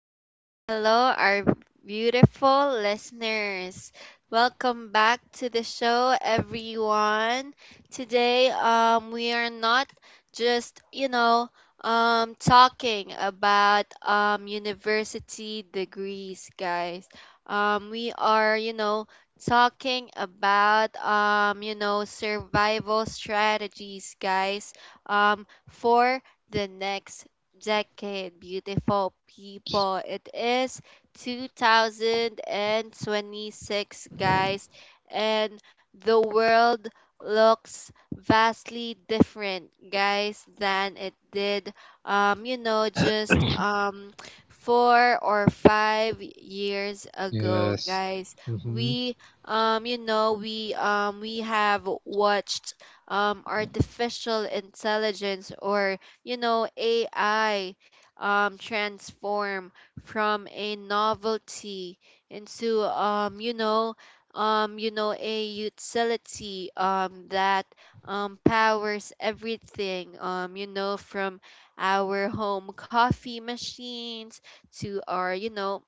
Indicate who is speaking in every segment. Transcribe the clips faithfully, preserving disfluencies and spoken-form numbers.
Speaker 1: hello, hello, our beautiful listeners. Welcome back to the show, everyone. Today, um, we are not just, you know, um, talking about um, university degrees, guys. Um, we are, you know, talking about, um, you know, survival strategies, guys, um, for the next decade, beautiful people. It is two thousand twenty-six, guys, and the world looks vastly different, guys, than it did, um, you know, just um, four or five years ago,
Speaker 2: Yes.
Speaker 1: guys.
Speaker 2: Mm-hmm.
Speaker 1: We, um, you know, we, um, we have watched um, artificial intelligence, or you know, A I, um, transform from a novelty into, um, you know, um, you know, a utility um, that um, powers everything, um, you know, from our home coffee machines to our, you know,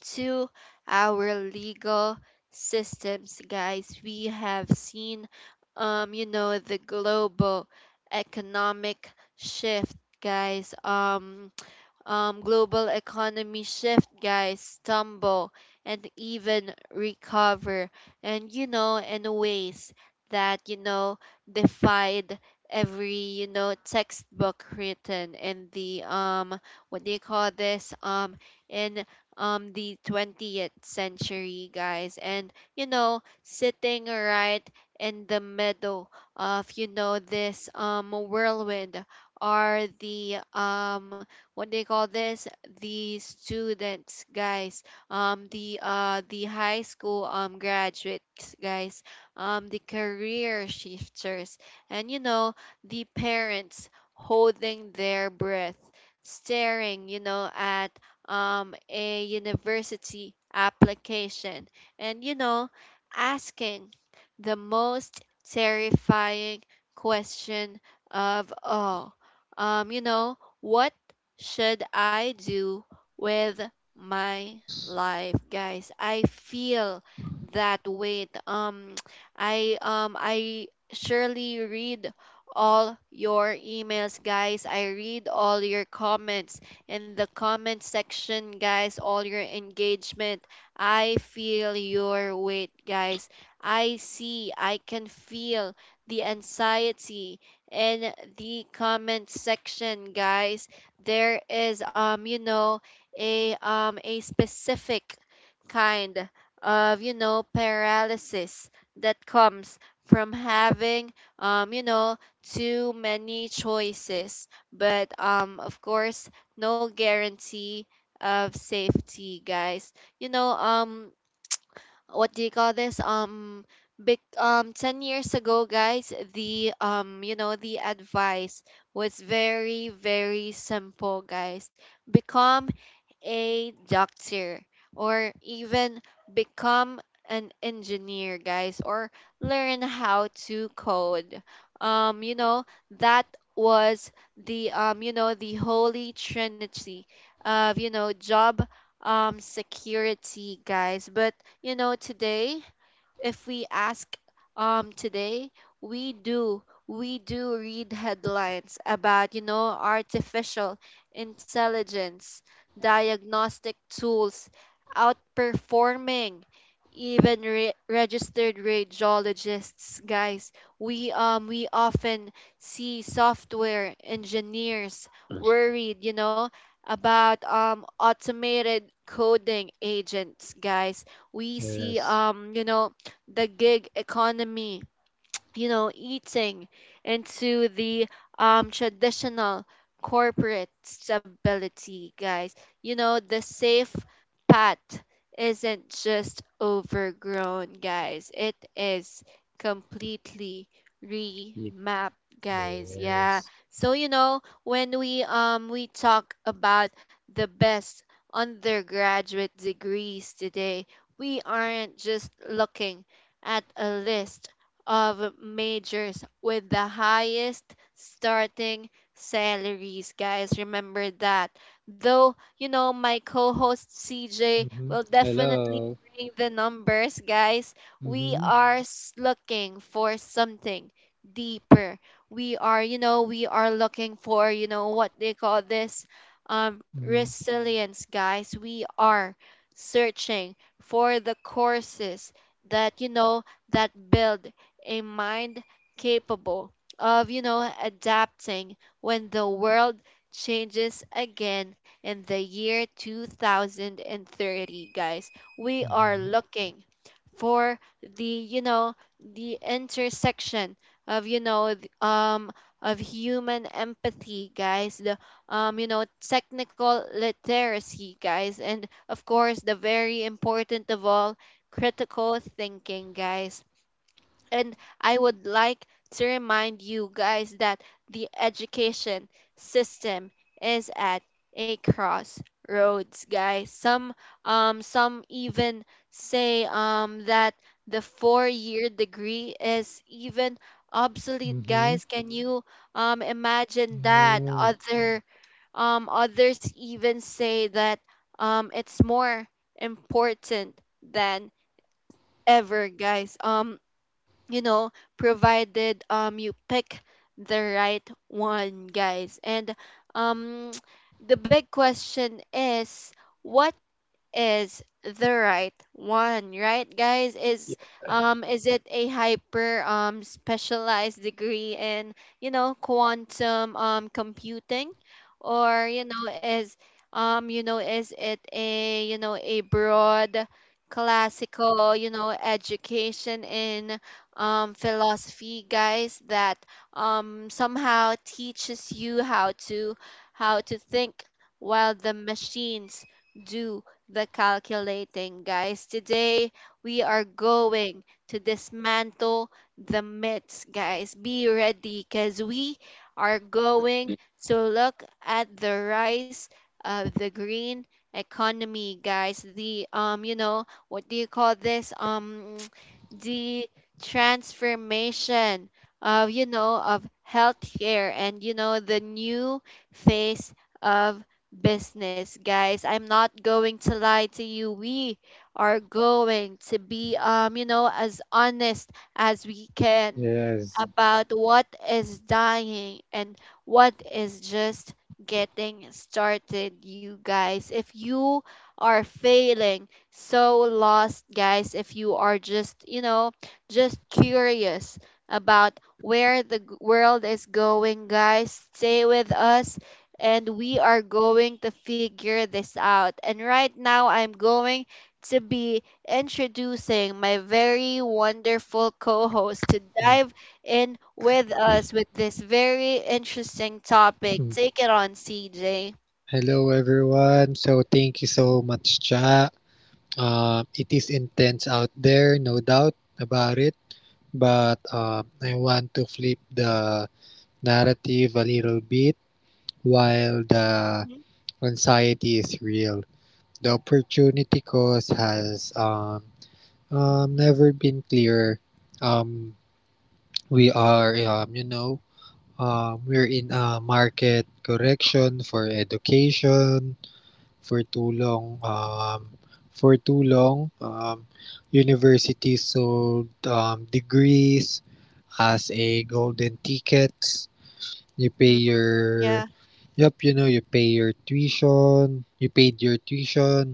Speaker 1: to our legal systems, guys. We have seen, um, you know, the global economic shift, guys. Um, um, global economy shift, guys, stumble and even recover, and you know, in ways that you know defied every you know textbook written in the um what do you call this um in um the twentieth century, guys. And you know sitting right in the middle of you know this um whirlwind are the um what they call this the students, guys, um the uh the high school um graduates, guys, um the career shifters, and you know the parents, holding their breath, staring you know at um a university application, and you know asking the most terrifying question of all: um you know what should I do with my life, guys? I feel that weight. Um, I um I surely read all your emails, guys. I read all your comments in the comment section, guys. All your engagement. I feel your weight, guys. I see. I can feel the anxiety in the comment section, guys. There is, um you know a um a specific kind of you know paralysis that comes from having um you know too many choices, but um of course no guarantee of safety, guys. You know um what do you call this um Big, um ten years ago, guys, the um you know the advice was very, very simple, guys. Become a doctor, or even become an engineer, guys, or learn how to code. um you know that was the um you know the holy trinity of you know job um security, guys. But you know today, if we ask um today we do we do read headlines about you know artificial intelligence diagnostic tools outperforming even re- registered radiologists, guys. We um we often see software engineers worried, you know about um automated coding agents, guys. We see,
Speaker 2: Yes.
Speaker 1: um you know the gig economy, you know, eating into the um, traditional corporate stability, guys. You know, the safe path isn't just overgrown, guys. It is completely
Speaker 2: Yep.
Speaker 1: remapped, guys. Yeah.
Speaker 2: Yes.
Speaker 1: So, you know, when we um we talk about the best undergraduate degrees today, we aren't just looking at a list of majors with the highest starting salaries, guys. Remember that. Though, you know, my co host C J
Speaker 2: Mm-hmm.
Speaker 1: will definitely
Speaker 2: Hello.
Speaker 1: bring the numbers, guys. We
Speaker 2: Mm-hmm.
Speaker 1: are s- looking for something deeper. We are, you know, we are looking for, you know, what they call this um, resilience, guys. We are searching for the courses that, you know, that build a mind capable of, you know, adapting when the world changes again in the year two thousand thirty, guys. We are
Speaker 2: Mm-hmm.
Speaker 1: looking for the, you know, the intersection of, you know, th- um of human empathy, guys, the, um, you know, technical literacy, guys, and, of course, the very important of all, critical thinking, guys. And I would like to remind you guys that the education system is at a crossroads, guys. Some um some even say, um that the four-year degree is even obsolete,
Speaker 2: Mm-hmm.
Speaker 1: guys. Can you um imagine that?
Speaker 2: Yeah.
Speaker 1: Other um others even say that um it's more important than ever, guys. Um you know provided um you pick the right one, guys. And um the big question is: what is the right one, right, guys? Is um is it a hyper, um specialized degree in you know quantum um computing? Or you know is um you know is it a you know a broad, classical you know education in um philosophy, guys, that um somehow teaches you how to how to think while the machines do the calculating, guys. Today, we are going to dismantle the myths, guys. Be ready, because we are going
Speaker 2: Yeah.
Speaker 1: to look at the rise of the green economy, guys. The, um, you know, what do you call this? Um, the transformation of, you know, of healthcare, and, you know, the new phase of business, guys. I'm not going to lie to you. We are going to be, um, you know, as honest as we can
Speaker 2: Yes.
Speaker 1: about what is dying and what is just getting started, you guys. If you are failing, so lost, guys, if you are just, you know, just curious about where the g- world is going, guys, stay with us and we are going to figure this out. And right now, I'm going to be introducing my very wonderful co host to dive in with us with this very interesting topic.
Speaker 2: Hmm.
Speaker 1: Take it on, C J.
Speaker 2: Hello, everyone. So, thank you so much, Cha. Um, it is intense out there, no doubt about it. But um, I want to flip the narrative a little bit while the
Speaker 1: Mm-hmm.
Speaker 2: anxiety is real. The opportunity cost has um, um, never been clearer. Um, we are, um, you know, um, we're in a market correction for education. For too long, um, for too long, um, universities sold um, degrees as a golden tickets. You pay
Speaker 1: Hmm.
Speaker 2: your,
Speaker 1: Yeah,
Speaker 2: yep, you know, you pay your tuition, you paid your tuition,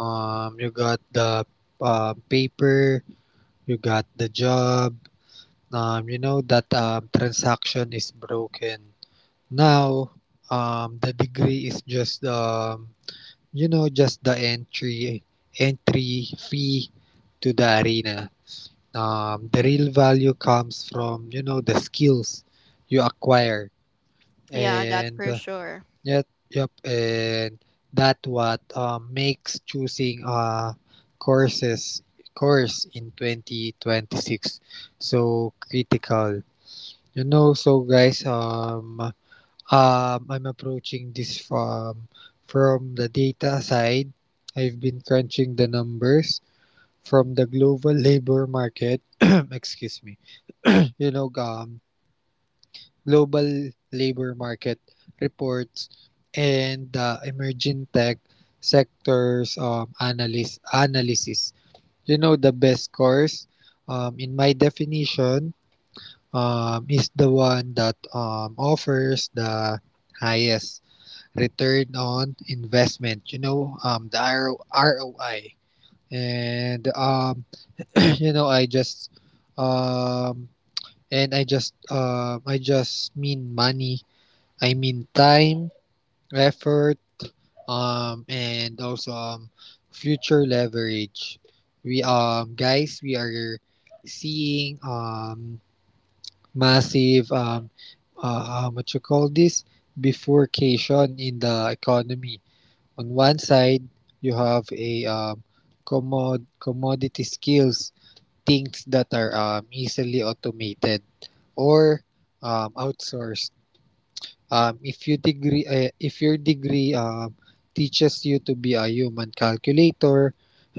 Speaker 2: um, you got the uh, paper, you got the job um, You know that um, transaction is broken now. Um, the degree is just um, you know just the entry entry fee to the arena. Um, the real value comes from you know the skills you acquire
Speaker 1: yeah, that
Speaker 2: and
Speaker 1: for sure.
Speaker 2: Yep, yep, and that what um, makes choosing uh, courses course in twenty twenty-six so critical. You know, so guys, um, um, I'm approaching this from from the data side. I've been crunching the numbers from the global labor market. Excuse me. You know, um, global labor market reports and the emerging tech sectors um, analyst analysis. You know the best course, um, in my definition, um, is the one that um, offers the highest return on investment. You know, um, the R O- R O I, and um, you know, I just um, and I just uh I just mean money. I mean time, effort, um, and also um, future leverage. We um guys, we are seeing um massive um uh, um, what you call this bifurcation in the economy. On one side, you have a um commod commodity skills, things that are um, easily automated or um, outsourced. Um, if you degree, uh, if your degree um, teaches you to be a human calculator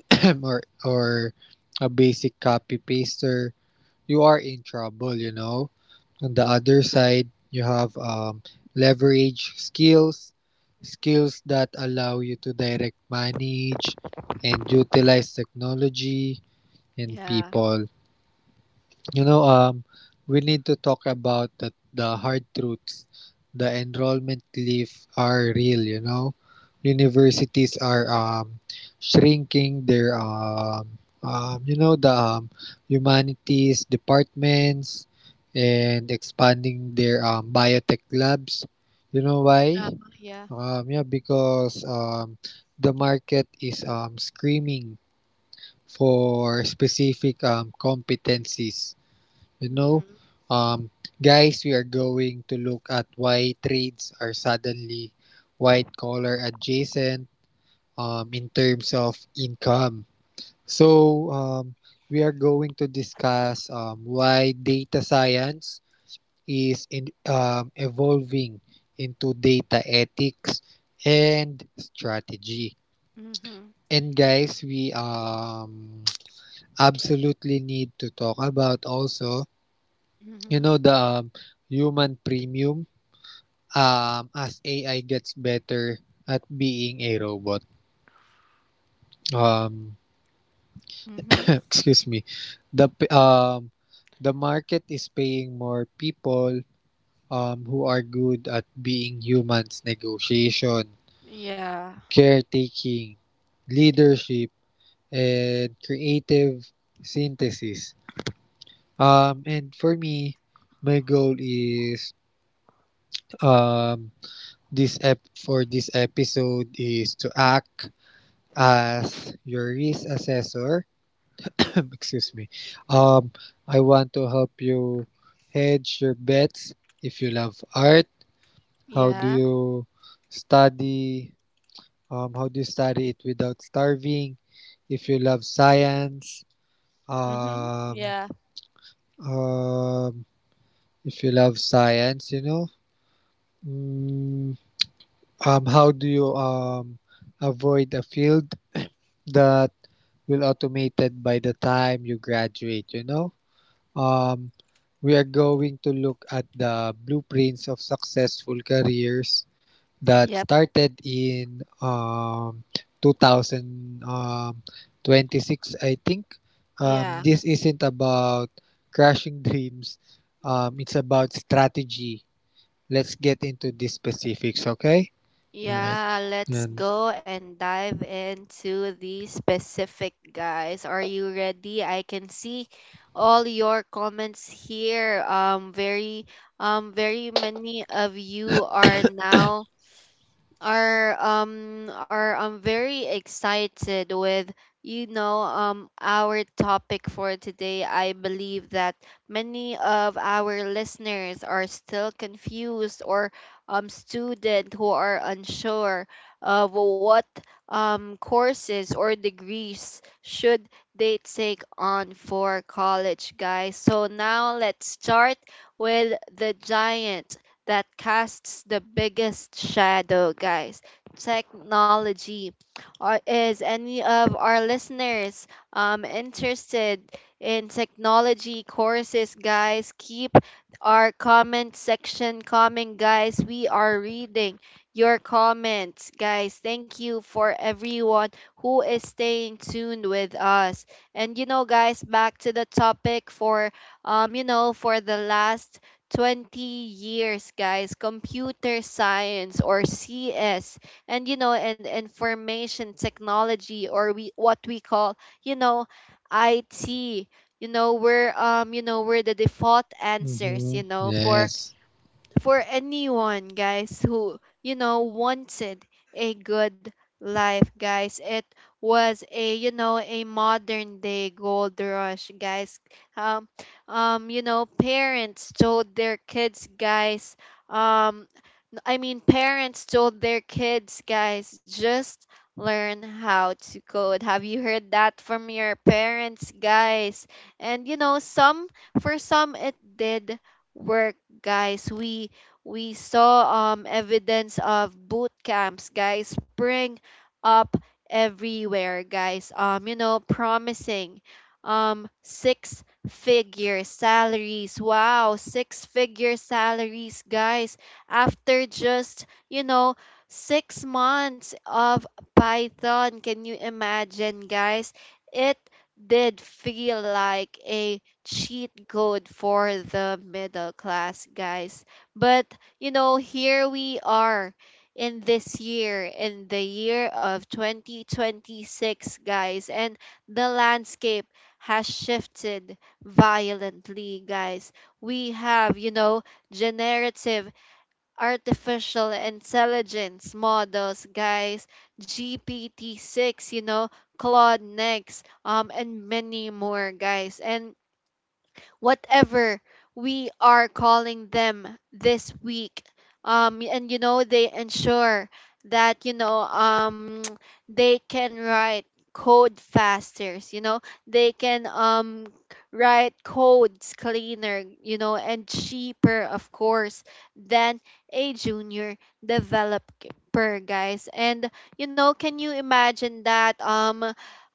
Speaker 2: or or a basic copy paster, you are in trouble. You know. On the other side, you have um, leverage skills, skills that allow you to direct, manage and utilize technology and
Speaker 1: Yeah,
Speaker 2: people. You know, um, we need to talk about the, the hard truths. The enrollment leave are real, you know. Universities are um, shrinking their, um, um, you know, the um, humanities departments and expanding their um, biotech labs. You know why?
Speaker 1: uh yeah.
Speaker 2: Um, yeah, because um, the market is um, screaming for specific um, competencies. You know,
Speaker 1: Mm-hmm.
Speaker 2: um, guys, we are going to look at why trades are suddenly white collar adjacent um, in terms of income. So, um, we are going to discuss um, why data science is in, um, evolving into data ethics and strategy.
Speaker 1: Mm-hmm.
Speaker 2: And guys, we um, absolutely need to talk about also
Speaker 1: Mm-hmm.
Speaker 2: you know the um, human premium um as A I gets better at being a robot um
Speaker 1: Mm-hmm.
Speaker 2: Excuse me the p- um the market is paying more people um who are good at being humans: negotiation,
Speaker 1: Yeah,
Speaker 2: caretaking, leadership and creative synthesis. Um and for me, my goal is um This ep- for this episode, is to act as your risk assessor. Excuse me. Um, I want to help you hedge your bets. If you love art, how do
Speaker 1: yeah.
Speaker 2: you study? Um, how do you study it without starving? If you love science,
Speaker 1: Mm-hmm.
Speaker 2: um,
Speaker 1: Yeah.
Speaker 2: um, if you love science, you know, mm, um, how do you um avoid a field that will automated by the time you graduate, you know. um, we are going to look at the blueprints of successful careers that
Speaker 1: Yep.
Speaker 2: started in um, two thousand twenty-six, I think. Um,
Speaker 1: Yeah.
Speaker 2: this isn't about crashing dreams. Um, it's about strategy. Let's get into the specifics, okay? All right.
Speaker 1: Yeah, let's
Speaker 2: And,
Speaker 1: go and dive into the specific, guys. Are you ready? I can see all your comments here. Um very, um very many of you are now are um are um very excited with you know um our topic for today. I believe that many of our listeners are still confused, or um student who are unsure of what um courses or degrees should they take on for college, guys. So now let's start with the giant that casts the biggest shadow, guys. Technology. Are, is any of our listeners um, interested in technology courses, guys? Keep our comment section coming, guys. We are reading your comments, guys. Thank you for everyone who is staying tuned with us. And you know, guys, back to the topic. For um, you know, for the last twenty years, guys, computer science or C S, and you know, and information technology, or, we what we call, you know, I T. You know, we're um, you know, we're the default answers,
Speaker 2: mhm,
Speaker 1: you know, for
Speaker 2: yes.
Speaker 1: for anyone, guys, who, you know, wanted a good life, guys. It was a, you know, a modern day gold rush, guys. Um, um, you know, parents told their kids, guys, um, I mean, parents told their kids, guys, just learn how to code. Have you heard that from your parents, guys? And you know, some for some it did work, guys. We we saw um evidence of boot camps, guys, spring up everywhere, guys. Um, you know, promising um six figure salaries. Wow, six figure salaries, guys, after just, you know, six months of Python. Can you imagine, guys? It did feel like a cheat code for the middle class, guys. But, you know, here we are in this year, in the year of twenty twenty-six, guys, and the landscape has shifted violently, guys. We have, you know, generative artificial intelligence models, guys, G P T six, you know, Claude Next, um, and many more, guys. And whatever we are calling them this week. Um, and you know, they ensure that, you know, um, they can write code faster, you know, they can, um, write codes cleaner, you know, and cheaper, of course, than a junior developer, guys. And you know, can you imagine that? Um,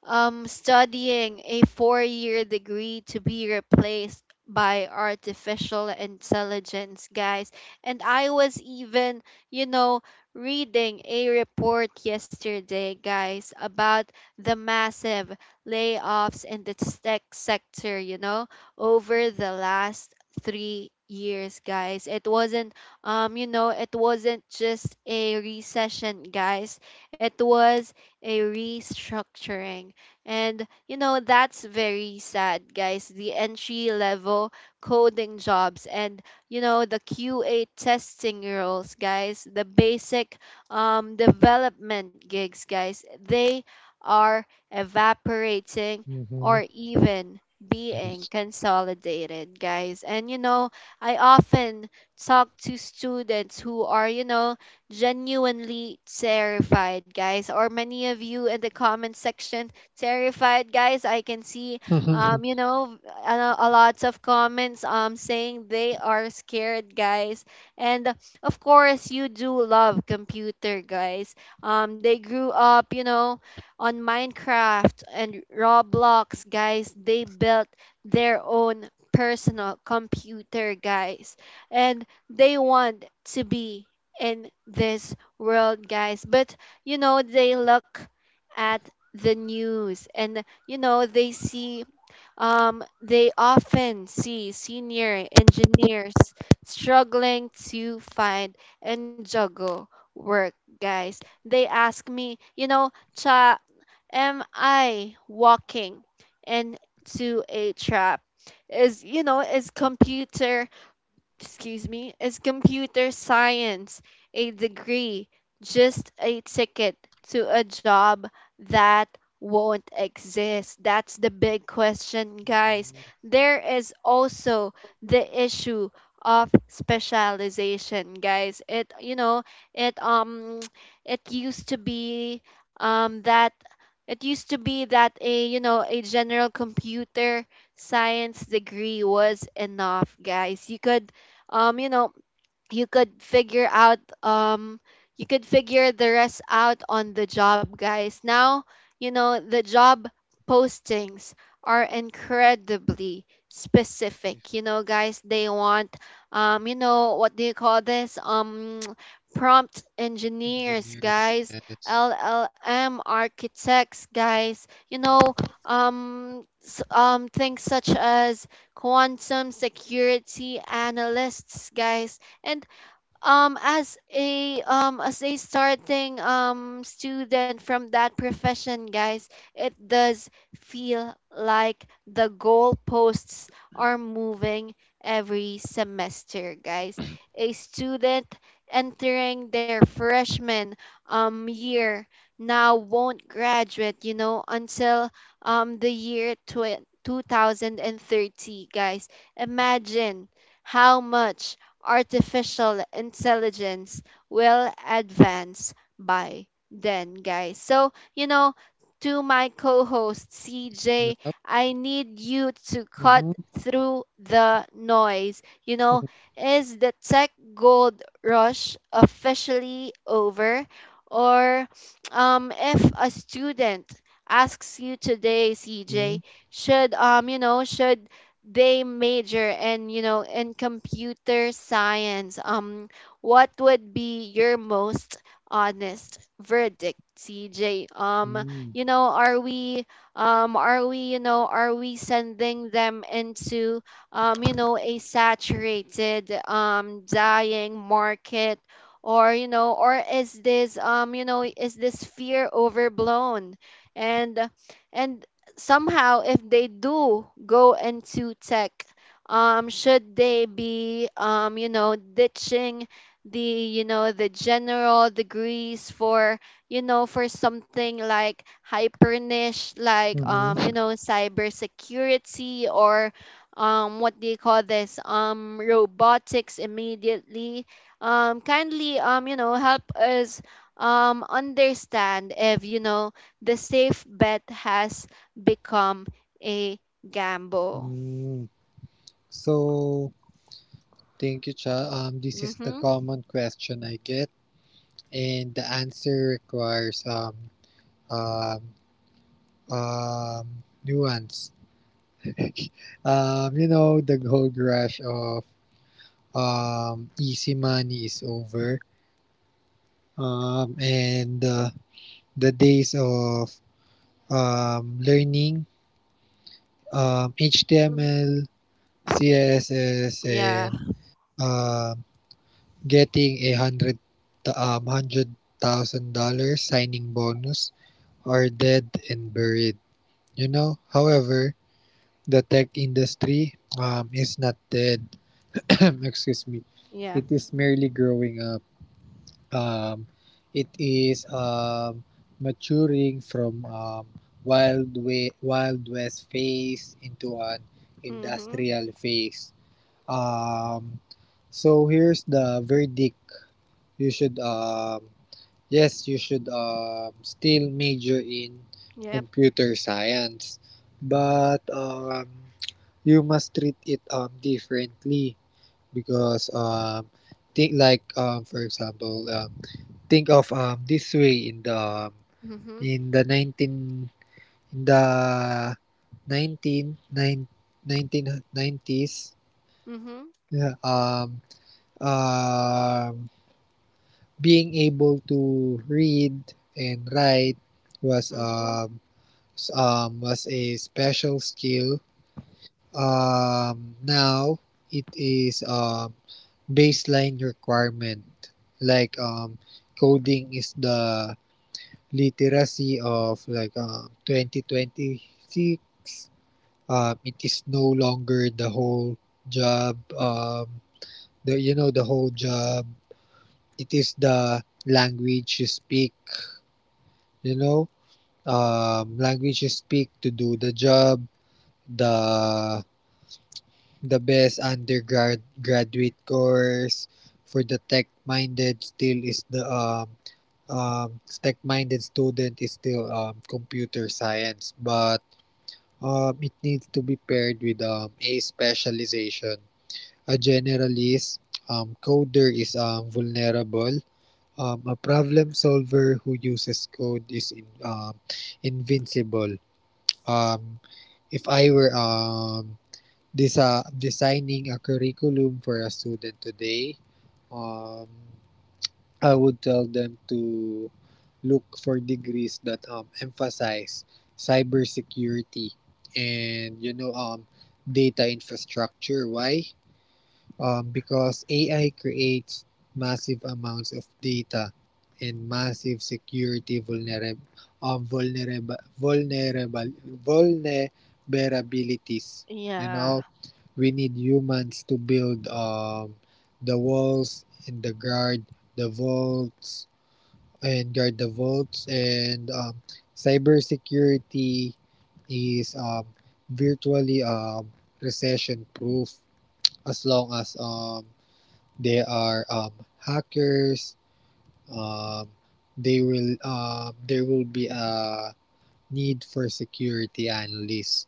Speaker 1: um, Studying a four year degree to be replaced by artificial intelligence, guys. And I was even, you know, reading a report yesterday, guys, about the massive layoffs in the tech sector, you know, over the last three years, guys. It wasn't um you know it wasn't just a recession, guys. It was a restructuring. And, you know, that's very sad, guys. The entry level coding jobs and, you know, the Q A testing roles, guys, the basic um development gigs, guys. They are evaporating
Speaker 2: Hmm.
Speaker 1: or even being consolidated, guys. And, you know, I often talk to students who are, you know, genuinely terrified, guys. Or many of you in the comment section terrified, guys. I can see,
Speaker 2: Mhm.
Speaker 1: um you know a, a lots of comments, um saying they are scared, guys. And, uh, of course you do love computer, guys. Um they grew up, you know on Minecraft and Roblox, guys. They built their own personal computer, guys, and they want to be in this world, guys. But you know they look at the news, and you know they see um they often see senior engineers struggling to find and juggle work, guys. They ask me, you know Cha, am I walking into a trap? Is you know is computer Excuse me, is computer science a degree just a ticket to a job that won't exist? That's the big question, guys. There is also the issue of specialization, guys. It you know it um it used to be um that it used to be that a you know a general computer science degree was enough, guys. You could um, you know, you could figure out um you could figure the rest out on the job, guys. Now, you know the job postings are incredibly specific, you know guys. They want, um you know what do you call this, um prompt engineers,
Speaker 2: Engineers,
Speaker 1: guys.
Speaker 2: yes.
Speaker 1: L L M architects, guys. You know um s- um things such as quantum security analysts, guys. And um as a um as a starting um student from that profession, guys, it does feel like the goalposts are moving every semester, guys. A student entering their freshman um year now won't graduate, you know, until um the year tw- two thousand thirty, guys. Imagine how much artificial intelligence will advance by then, guys. So, you know, to my co host C
Speaker 2: Yeah.
Speaker 1: J, I need you to cut
Speaker 2: Mhm.
Speaker 1: through the noise. You know, is the tech gold rush officially over? Or, um, if a student asks you today,
Speaker 2: Mhm.
Speaker 1: C J, should um you know should they major in, you know in computer science, um what would be your most honest verdict, C J? Um
Speaker 2: Mhm.
Speaker 1: you know are we, um are we, you know are we sending them into, um you know a saturated, um dying market? Or, you know or is this, um you know is this fear overblown? And and somehow, if they do go into tech, um should they be, um you know ditching the, you know the general degrees for, you know for something like hyper niche, like, um
Speaker 2: Mhm.
Speaker 1: you know cybersecurity, or, um what do you call this, um robotics immediately? um kindly, um you know help us um understand if, you know the safe bet has become a gamble.
Speaker 2: Mhm. So, thank you, Cha. Um, this is the
Speaker 1: Mm-hmm.
Speaker 2: common question I get, and the answer requires um, um, um, nuance. Um, you know, the gold rush of um, easy money is over, um, and uh, the days of um, learning um,
Speaker 1: Hmm.
Speaker 2: H T M L C S S
Speaker 1: Yeah.
Speaker 2: and um, getting a hundred um, hundred thousand dollars signing bonus are dead and buried. You know, however, the tech industry um, is not dead. Excuse me.
Speaker 1: Yeah.
Speaker 2: It is merely growing up. Um, it is um, maturing from um, wild way, wild west phase into an
Speaker 1: Mm-hmm.
Speaker 2: industrial phase. Um, so here's the verdict. You should, um, yes, you should um, still major in
Speaker 1: Yep.
Speaker 2: computer science, but um, you must treat it um, differently, because um, think like um, for example, um, think of um, this way: in the um,
Speaker 1: Mm-hmm.
Speaker 2: in the nineteen in the nineteen nine nineteen nineties.
Speaker 1: Mm-hmm.
Speaker 2: Yeah. Um. Um. Being able to read and write was
Speaker 1: Mm-hmm.
Speaker 2: um, um was a special skill. Um, now it is um baseline requirement. Like um, Coding is the literacy of like um twenty twenty-six. Um, it is no longer the whole job. Um, the you know The whole job. It is the language you speak. You know um, language you speak to do the job. the the best undergrad graduate course for the tech-minded still is the um, um, tech-minded student is still um, computer science, but um, it needs to be paired with um, a specialization. A generalist um, coder is um, vulnerable. Um, a problem solver who uses code is in, um, invincible. Um, if I were um this uh designing a curriculum for a student today, um I would tell them to look for degrees that um emphasize cybersecurity and you know um data infrastructure. Why? Um, because A I creates massive amounts of data and massive security vulnerab- um, vulnerab- vulnerable vulnerabilities. You know,
Speaker 1: Yeah.
Speaker 2: we need humans to build um, the walls and the guard the vaults and guard the vaults, and um, cybersecurity is um, virtually um, recession proof as long as um, they are um, hackers. Um, they will um, There will be a need for security analysts.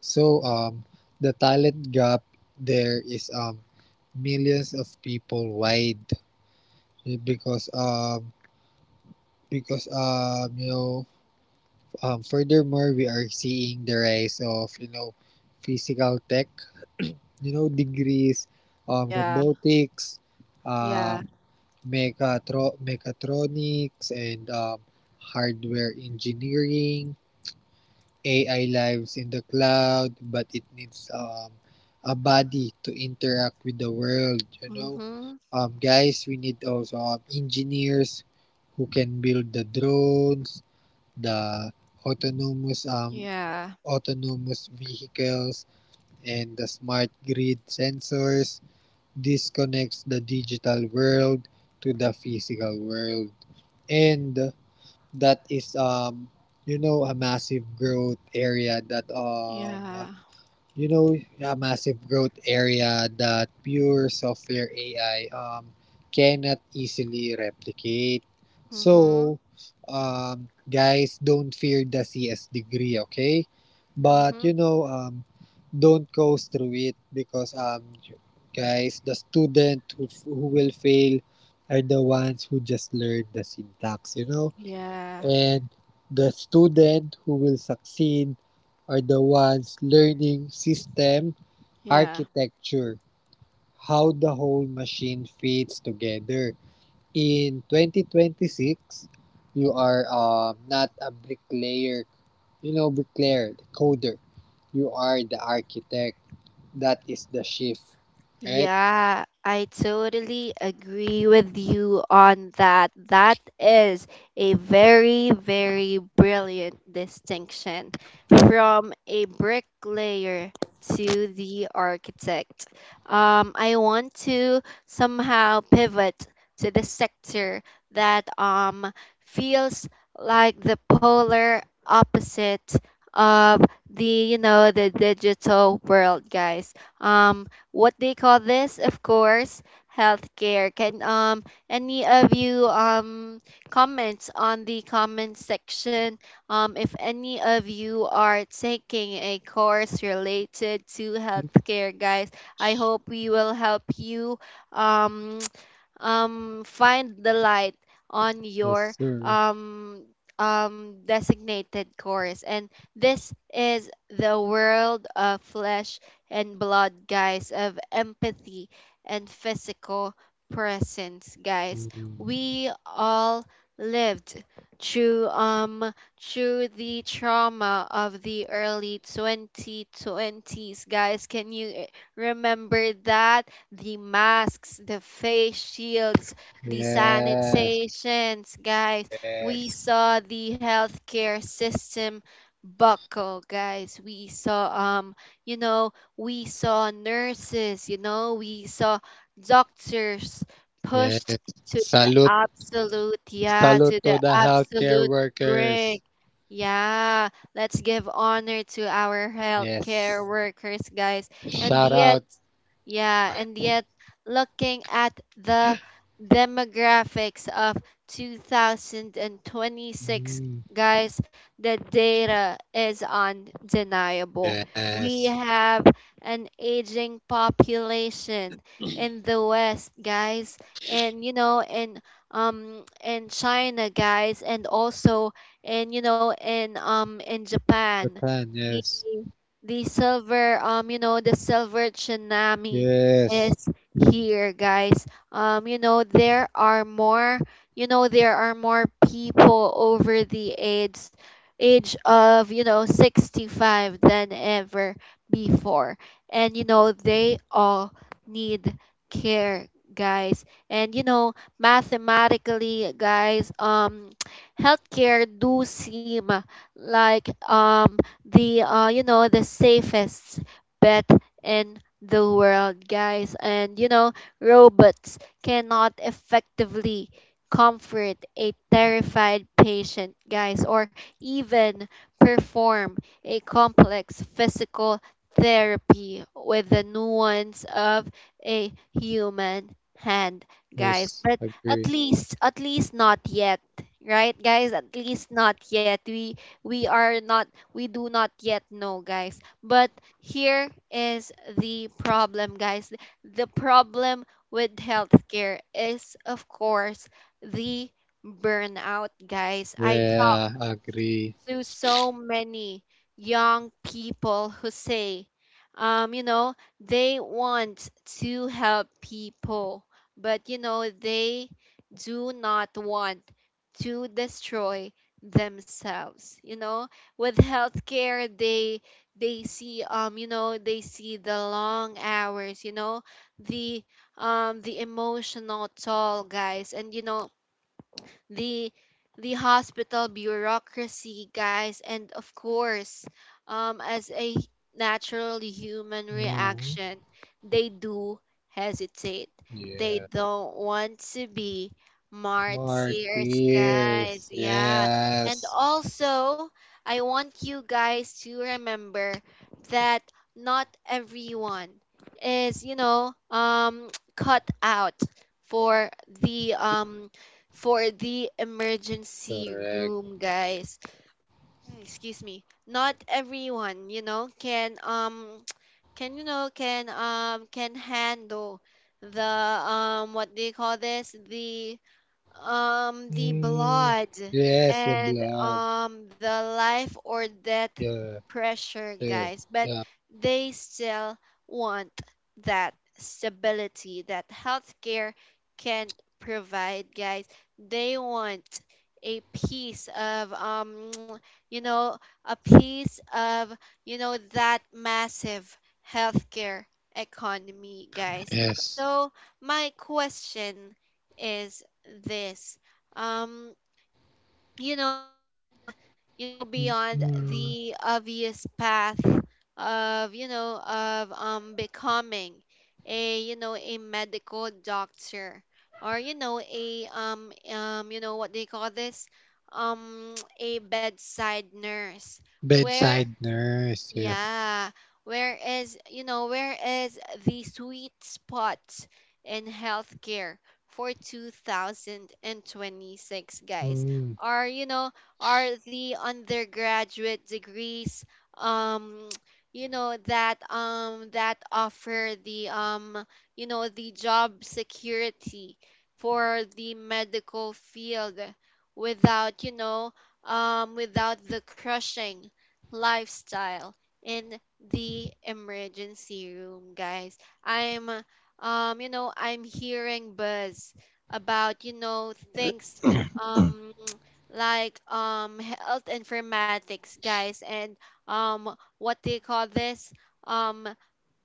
Speaker 2: So um, the talent gap there is um, millions of people wide, because um, because um, you know um, furthermore, we are seeing the rise of you know physical tech you know degrees, um,
Speaker 1: Yeah.
Speaker 2: robotics,
Speaker 1: Yeah.
Speaker 2: um, mechatro- mechatronics and um, hardware engineering. A I lives in the cloud, but it needs um, a body to interact with the world, you know.
Speaker 1: Mm-hmm.
Speaker 2: Um, guys, we need also um, engineers who can build the drones, the autonomous um,
Speaker 1: Yeah.
Speaker 2: autonomous vehicles, and the smart grid sensors. This connects the digital world to the physical world. And that is um you know a massive growth area that um
Speaker 1: Yeah.
Speaker 2: you know, a massive growth area that pure software A I um, cannot easily replicate.
Speaker 1: Mm-hmm.
Speaker 2: So, um, guys, don't fear the C S degree, okay? But,
Speaker 1: Mm-hmm.
Speaker 2: you know, um, don't coast through it, because, um, guys, the student who, who will fail are the ones who just learned the syntax, you know?
Speaker 1: Yeah.
Speaker 2: And the student who will succeed are the ones learning system
Speaker 1: Yeah.
Speaker 2: architecture, how the whole machine fits together. In twenty twenty-six, you are um, not a bricklayer, you know, bricklayer, the coder. You are the architect. That is the shift, right?
Speaker 1: Yeah, I totally agree with you on that. That is a very, very brilliant distinction from a bricklayer to the architect. Um, I want to somehow pivot to the sector that, um, feels like the polar opposite of the, you know the digital world, guys. um what they call this, of course, healthcare. Can, um any of you, um comments on the comment section? Um, if any of you are taking a course related to healthcare, guys, I hope we will help you um um, find the light on
Speaker 2: Yes,
Speaker 1: your,
Speaker 2: sir.
Speaker 1: um, um, designated course. And this is the world of flesh and blood, guys, of empathy and physical presence, guys.
Speaker 2: Mm.
Speaker 1: We all lived through, um through the trauma of the early twenty twenties, guys. Can you, eh, remember that? The masks, the face shields, the
Speaker 2: Yes,
Speaker 1: sanitizations, guys. We
Speaker 2: yes,
Speaker 1: saw the healthcare system buckle, guys. We saw, um, you know, we saw nurses, you know, we saw doctors pushed
Speaker 2: yes.
Speaker 1: to the
Speaker 2: Salute.
Speaker 1: absolute, yeah, to
Speaker 2: Salute to
Speaker 1: the
Speaker 2: the healthcare
Speaker 1: absolute
Speaker 2: workers.
Speaker 1: brink. Yeah, let's give honor to our healthcare
Speaker 2: Yes.
Speaker 1: workers, guys. And
Speaker 2: Shout
Speaker 1: yet,
Speaker 2: out.
Speaker 1: yeah, and yet, looking at the demographics of two thousand twenty-six,
Speaker 2: Mm,
Speaker 1: guys, the data is undeniable. We
Speaker 2: yes.
Speaker 1: have an aging population in the West, guys, and, you know, in um in China, guys, and also in, you know, in um in Japan.
Speaker 2: Japan. Yes.
Speaker 1: The silver, um you know the silver tsunami
Speaker 2: Yes.
Speaker 1: is here, guys. Um you know there are more, you know there are more people over the age age of, you know sixty-five than ever before. And, you know they all need care, guys. And, you know mathematically, guys, um healthcare do seem like, um the, uh you know the safest bet in the world, guys. And, you know robots cannot effectively comfort a terrified patient, guys, or even perform a complex physical therapy with the nuance of a human hand, guys.
Speaker 2: Yes.
Speaker 1: But at
Speaker 2: Agree.
Speaker 1: least, at least not yet, right, guys? At least not yet. We we are not, we do not yet know, guys. But here is the problem, guys. The problem with healthcare is, of course, the burnout, guys. I,
Speaker 2: Yeah. Agree.
Speaker 1: to so many young people who say, um, you know, they want to help people, but, you know, they do not want to destroy themselves. You know, with healthcare, they they see, um you know they see the long hours, you know the, um the emotional toll, guys, and, you know the the hospital bureaucracy, guys. And, of course, um, as a natural human
Speaker 2: Mhm.
Speaker 1: reaction, they do hesitate. They
Speaker 2: Yeah.
Speaker 1: don't want to be martyrs, guys.
Speaker 2: Martyrs.
Speaker 1: Yeah. And
Speaker 2: Yes.
Speaker 1: also, I want you guys to remember that not everyone is, you know, um, cut out for the, um for the emergency
Speaker 2: Correct.
Speaker 1: room, guys. Excuse me. Not everyone, you know, can, um can you know can um can handle the, um what do you call this? The, um the
Speaker 2: Mm,
Speaker 1: blood,
Speaker 2: yes. The
Speaker 1: and,
Speaker 2: blood.
Speaker 1: um the life or death
Speaker 2: Yeah.
Speaker 1: pressure,
Speaker 2: Sure.
Speaker 1: guys. But
Speaker 2: Yeah.
Speaker 1: they still want that stability that healthcare can't provide, guys. They want a piece of, um you know a piece of, you know that massive healthcare economy, guys.
Speaker 2: Yes.
Speaker 1: So my question is this: um you know beyond, you know beyond
Speaker 2: Mm,
Speaker 1: the obvious path of, you know of um becoming a, you know a medical doctor, or, you know a um um you know what they call this, um a bedside nurse, where,
Speaker 2: bedside nurse. Yeah.
Speaker 1: yeah. Whereas, you know, whereas the sweet spot in healthcare for two thousand twenty-six, guys,
Speaker 2: Mm,
Speaker 1: are, you know, are the undergraduate degrees, um, you know, that um that offer the, um, you know, the job security for the medical field without, you know, um, without the crushing lifestyle in the emergency room, guys. I'm, uh, um, you know, I'm hearing buzz about, you know, things, um, like, um health informatics, guys, and, um, what do you call this? Um,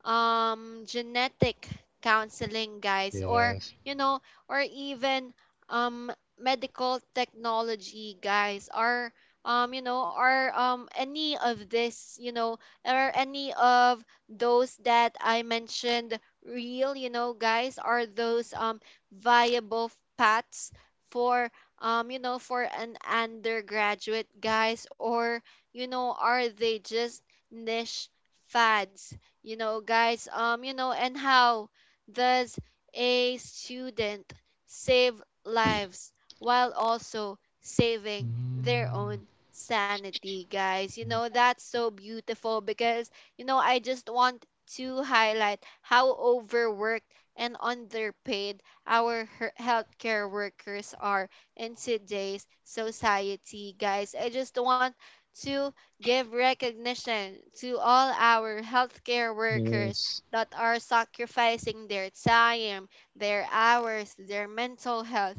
Speaker 1: um genetic counseling, guys, or,
Speaker 2: yes.
Speaker 1: you know or even, um medical technology, guys, or, um you know or um any of this, you know or any of those that I mentioned, real, you know guys. Are those, um viable paths for, um you know for an undergraduate, guys? Or, you know are they just niche fads, you know guys? Um you know and how does a student save lives while also saving their
Speaker 2: Mm.
Speaker 1: own sanity, guys? You know that's so beautiful, because, you know I just want to highlight how overworked and underpaid our her- healthcare workers are in today's society, guys. I just want to give recognition to all our healthcare workers
Speaker 2: Yes.
Speaker 1: that are sacrificing their time, their hours, their mental health,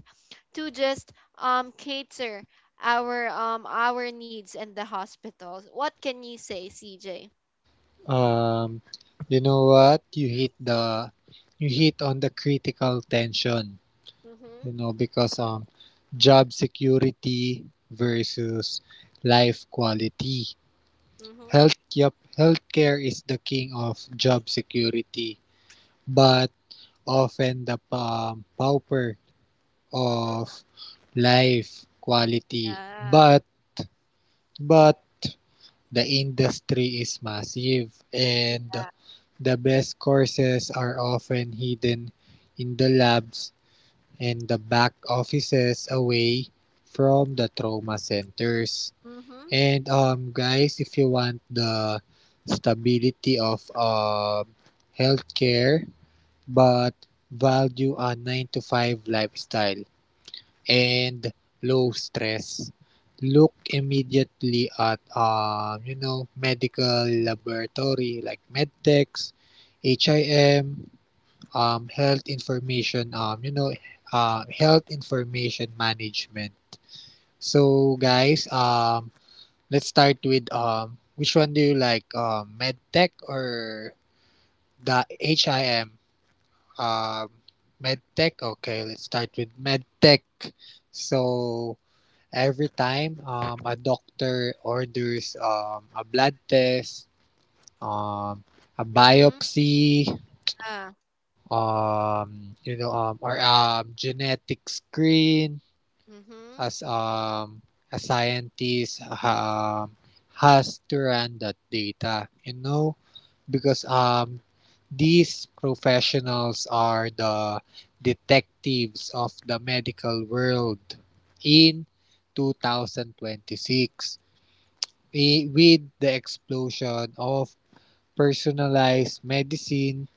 Speaker 1: to just, um cater our, um our needs in the hospitals. What can you say, C J?
Speaker 2: Um, you know what? You hit the you hit on the critical tension, you
Speaker 1: Mhm.
Speaker 2: know, because um job security versus life quality.
Speaker 1: Mhm.
Speaker 2: Health yep, healthcare is the king of job security, but often the um, pauper
Speaker 1: Mhm.
Speaker 2: of life quality.
Speaker 1: Yeah.
Speaker 2: But but the industry is massive, and the best courses are often hidden in the labs and the back offices, away from the trauma centers.
Speaker 1: Mhm.
Speaker 2: And um guys, if you want the stability of um healthcare but value a nine to five lifestyle, and low stress, look immediately at um, you know medical laboratory like medtechs, H I M, um, health information um, you know uh, health information management. So guys, um, let's start with um, which one do you like, um, medtech or the H I M? Um, Medtech. Okay, let's start with medtech. So, every time um, a doctor orders um, a blood test, um, a
Speaker 1: Mhm.
Speaker 2: biopsy,
Speaker 1: Yeah.
Speaker 2: um, you know, um, or a genetic screen,
Speaker 1: Mhm.
Speaker 2: as um, a scientist um, has to run that data, you know, because um, these professionals are the detectives of the medical world. In twenty twenty-six, i- with the explosion of personalized medicine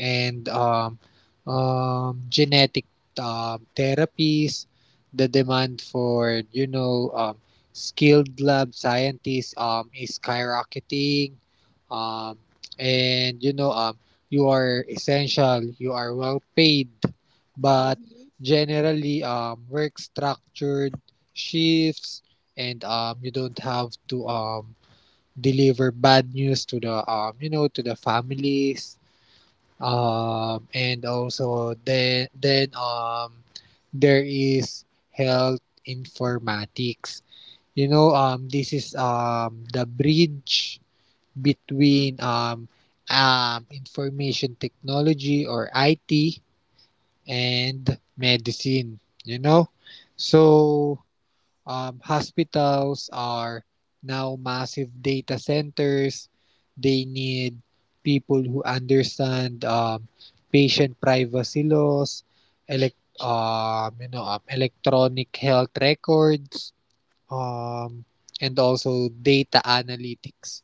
Speaker 2: and um, um, genetic um, therapies, the demand for you know um, skilled lab scientists um, is skyrocketing, um, and you know um, you are essential, you are well paid, but
Speaker 1: Mhm.
Speaker 2: generally um, work structured shifts, and um, you don't have to um, deliver bad news to the um you know to the families. Um and also then then um There is health informatics. You know um this is um the bridge
Speaker 1: Mhm.
Speaker 2: between um um information technology or I T and medicine, you know. So um, hospitals are now massive data centers. They need people who understand um, patient privacy laws, elec um, you know, um, electronic health records, um, and also data analytics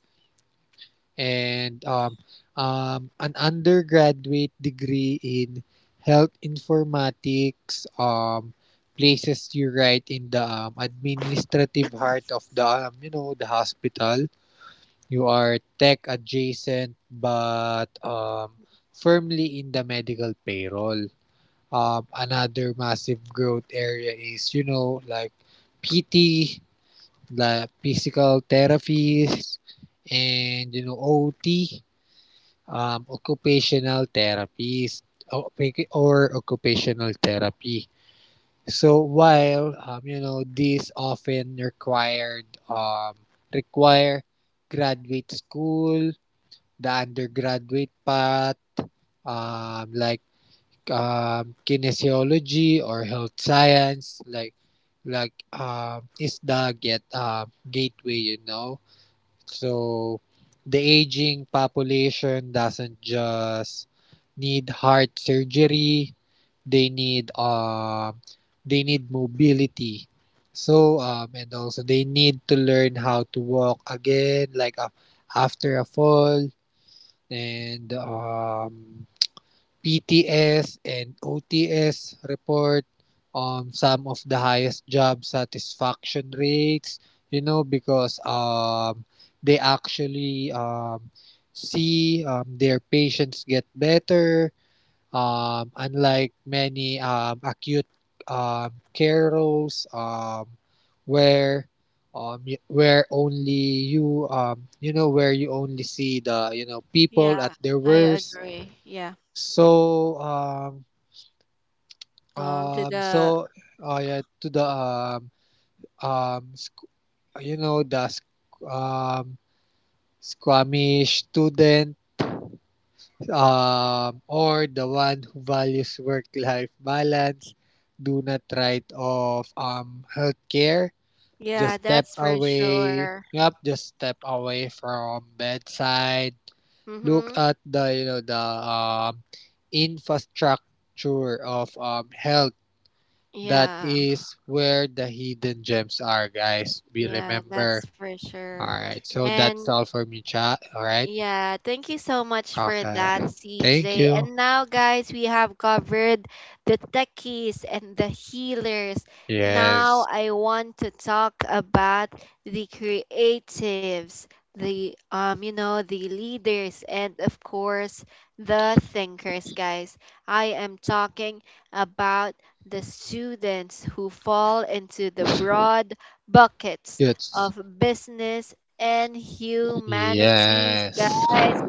Speaker 2: and um, um, an undergraduate degree in health informatics. Um, places you right in the um, administrative heart of the um, you know the hospital. You are tech adjacent but um, firmly in the medical payroll. Um, another massive growth area is you know like P T, the physical therapies, and you know O T, um, occupational therapies or, or occupational therapy. So while um, you know these often required um, require graduate school, the undergraduate path, um, like um, kinesiology or health science, like like um, is the get um, gateway, you know. So the aging population doesn't just need heart surgery, they need um they need mobility. So um and also they need to learn how to walk again like a, after a fall and um P Ts and O Ts report um, some of the highest job satisfaction rates, you know, because um, they actually um, see um, their patients get better, um, unlike many um, acute um, care roles, um, where um, where only you um, you know where you only see the you know people
Speaker 1: Yeah,
Speaker 2: at their
Speaker 1: I
Speaker 2: worst.
Speaker 1: agree. Yeah.
Speaker 2: so um
Speaker 1: Um to
Speaker 2: um
Speaker 1: the,
Speaker 2: so uh yeah, to the um um squ- you know the squ- um squamish student, um or the one who values work life balance, do not write off um healthcare.
Speaker 1: yeah,
Speaker 2: Just step
Speaker 1: that's for
Speaker 2: away.
Speaker 1: sure.
Speaker 2: Yep, just step away from bedside. Look
Speaker 1: Mhm.
Speaker 2: at the you know the um infrastructure of um health. That
Speaker 1: Yeah,
Speaker 2: is where the hidden gems are, guys. Be
Speaker 1: yeah, that's
Speaker 2: remember.
Speaker 1: for sure.
Speaker 2: Alright, so that's
Speaker 1: And
Speaker 2: all for me, chat. Alright?
Speaker 1: yeah, thank you so much for that,
Speaker 2: Okay. Thank
Speaker 1: C J.
Speaker 2: you.
Speaker 1: And now, guys, we have covered the techies and the healers.
Speaker 2: Yes.
Speaker 1: Now, I want to talk about the creatives, the, um, you know, the leaders, and, of course, the thinkers, guys. I am talking about the students who fall into the broad buckets
Speaker 2: Yes.
Speaker 1: of business and humanities,
Speaker 2: Yes.
Speaker 1: guys.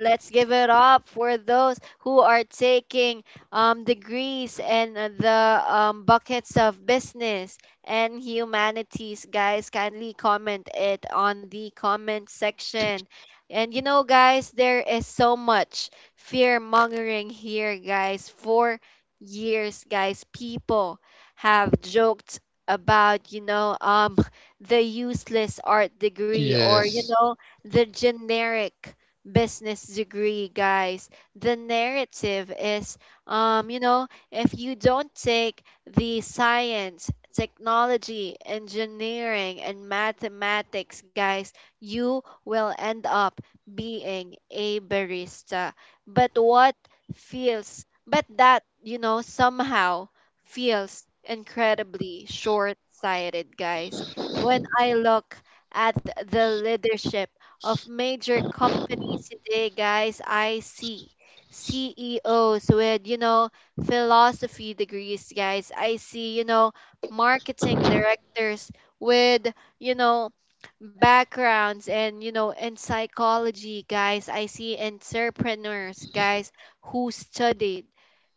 Speaker 1: Let's give it up for those who are taking, um, degrees, and, uh, the um, buckets of business and humanities. Guys, kindly comment it on the comment section. And, you know, guys, there is so much fear mongering here, guys. For years, guys, people have joked about, you know, um, the useless art degree, or, you
Speaker 2: Yes.
Speaker 1: know, the generic business degree, guys. The narrative is, um, you know, if you don't take the science, technology, engineering, and mathematics, guys, you will end up being a barista. But what feels, but that, you know, somehow feels incredibly short sighted, guys. When I look at the leadership of major companies today, guys, I see C E Os with, you know, philosophy degrees, guys. I see, you know, marketing directors with, you know, backgrounds and, you know, in psychology, guys. I see entrepreneurs, guys, who studied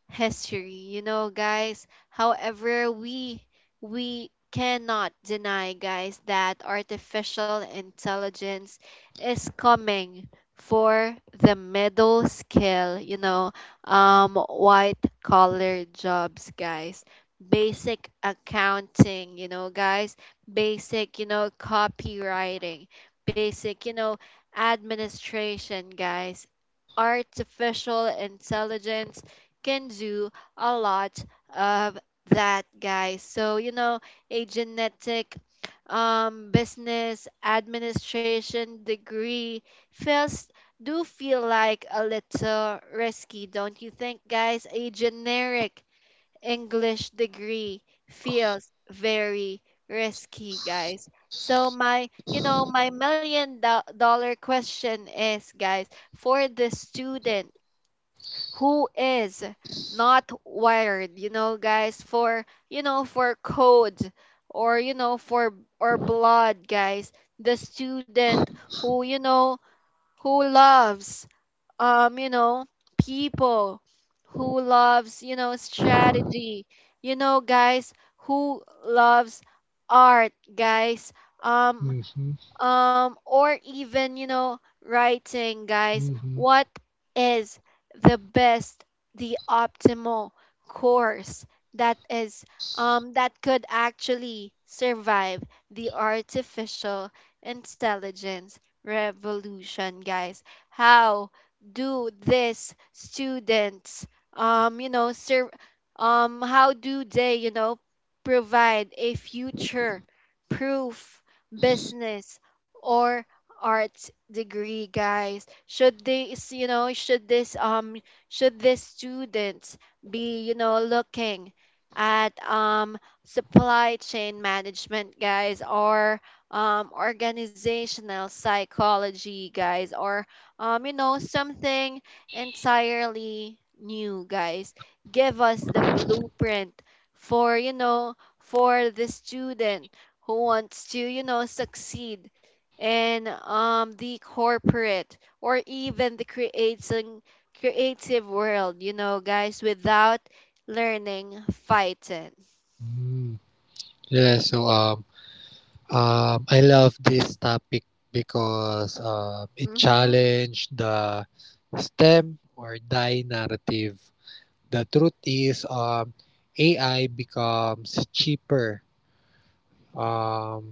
Speaker 1: history. You know, guys, however, we we cannot deny, guys, that artificial intelligence is coming for the middle scale, you know, um white collar jobs, guys. Basic accounting, you know, guys, basic, you know, copywriting, basic, you know, administration, guys, artificial intelligence can do a lot of that, guys. So, you know, a genetic, um, business administration degree feels do feel like a little risky, don't you think, guys? A generic English degree feels very risky, guys. So my, you know, my million do- dollar question is, guys, for the student who is not wired, you know guys for, you know for code, or, you know for or blood, guys. The student who, you know who loves, um you know people, who loves, you know strategy, you know guys who loves art, guys. um
Speaker 2: Mm-hmm.
Speaker 1: um or even, you know writing, guys,
Speaker 2: Mm-hmm.
Speaker 1: what is the best, the optimal course that is um that could actually survive the artificial intelligence revolution, guys? How do these students um you know serve, um how do they, you know provide a future proof business or arts degree, guys? Should these, you know should this um should these students be, you know looking at, um supply chain management, guys, or um organizational psychology, guys, or, um you know something entirely new, guys? Give us the blueprint for, you know for the student who wants to, you know succeed and um the corporate or even the creating creative world, you know, guys, without learning fighting.
Speaker 2: Mm-hmm. Yeah, so um um I love this topic because um it
Speaker 1: Mhm.
Speaker 2: challenged the STEM or die narrative. The truth is, um, A I becomes cheaper. Um,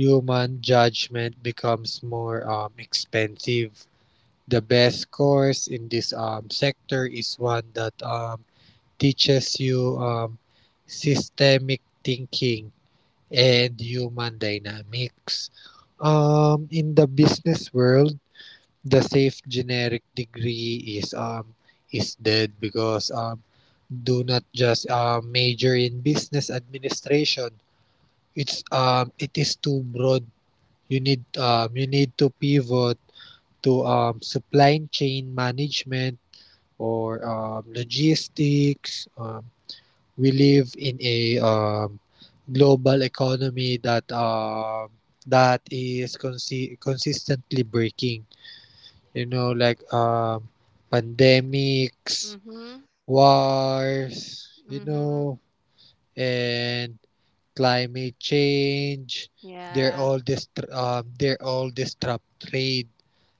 Speaker 2: Human judgment becomes more um, expensive. The best course in this um, sector is one that um, teaches you um, systemic thinking and human dynamics. Um, in the business world, the safe generic degree is um is dead because um do not just uh, major in business administration. It's um it is too broad. You need um you need to pivot to um supply chain management or um, logistics. Um, we live in a um, global economy that um that is consi- consistently breaking, you know, like, um, pandemics,
Speaker 1: Mhm.
Speaker 2: wars, you
Speaker 1: Mhm.
Speaker 2: know, and climate change. They're
Speaker 1: Yeah.
Speaker 2: all dist- um, they're all disrupt trade.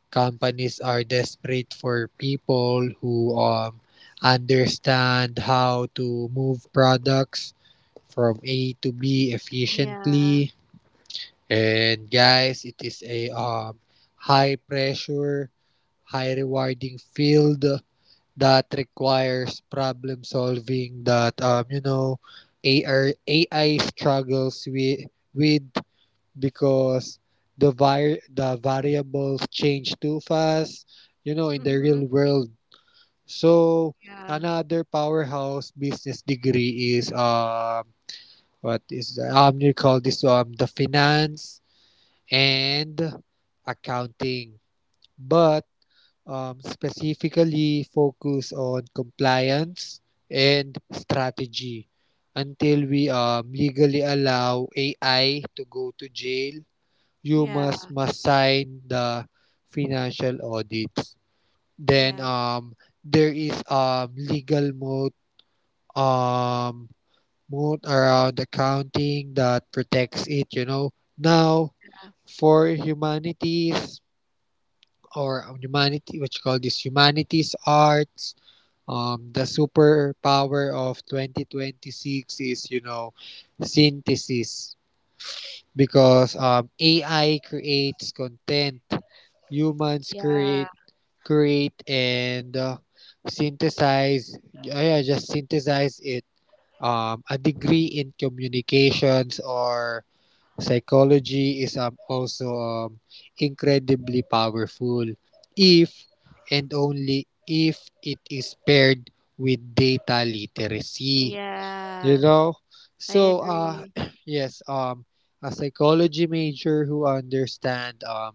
Speaker 2: Companies are desperate for people who um, understand how to move products from A to B
Speaker 1: Yeah.
Speaker 2: efficiently. And guys, it is a um, high pressure, high rewarding field that requires problem solving that um you know A R, A I struggles with with because the vi- the variables change too fast, you know, in the
Speaker 1: Mhm.
Speaker 2: real world. So
Speaker 1: Yeah.
Speaker 2: another powerhouse business degree is um what is the, um you call this um the finance and accounting, but um, specifically focus on compliance and strategy. Until we um, legally allow A I to go to jail, you
Speaker 1: Yeah.
Speaker 2: must must sign the financial audits. Then
Speaker 1: Yeah.
Speaker 2: um, there is um, legal mode um, mode around accounting that protects it, you know. Now for humanities or humanity, what you call this humanities arts, Um, the superpower of twenty twenty-six is, you know, synthesis, because um, A I creates content, humans
Speaker 1: Yeah.
Speaker 2: create create and uh, synthesize. Yeah, just synthesize it. Um, a degree in communications or psychology is um, also um, incredibly powerful if and only if it is paired with data literacy,
Speaker 1: Yeah,
Speaker 2: you know.
Speaker 1: I
Speaker 2: So uh
Speaker 1: agree.
Speaker 2: yes, um a psychology major who understand um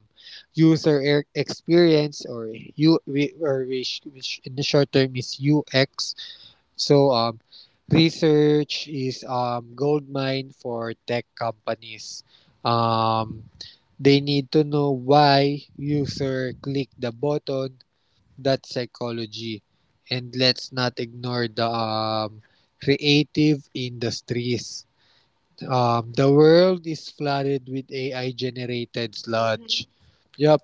Speaker 2: user e- experience, or u or we, which in the short term is ux. So, um, research is um, gold mine for tech companies. Um, they need to know why user click the button. That's psychology. And let's not ignore the um, creative industries. Um, the world is flooded with A I generated
Speaker 1: Mhm.
Speaker 2: sludge. Yep.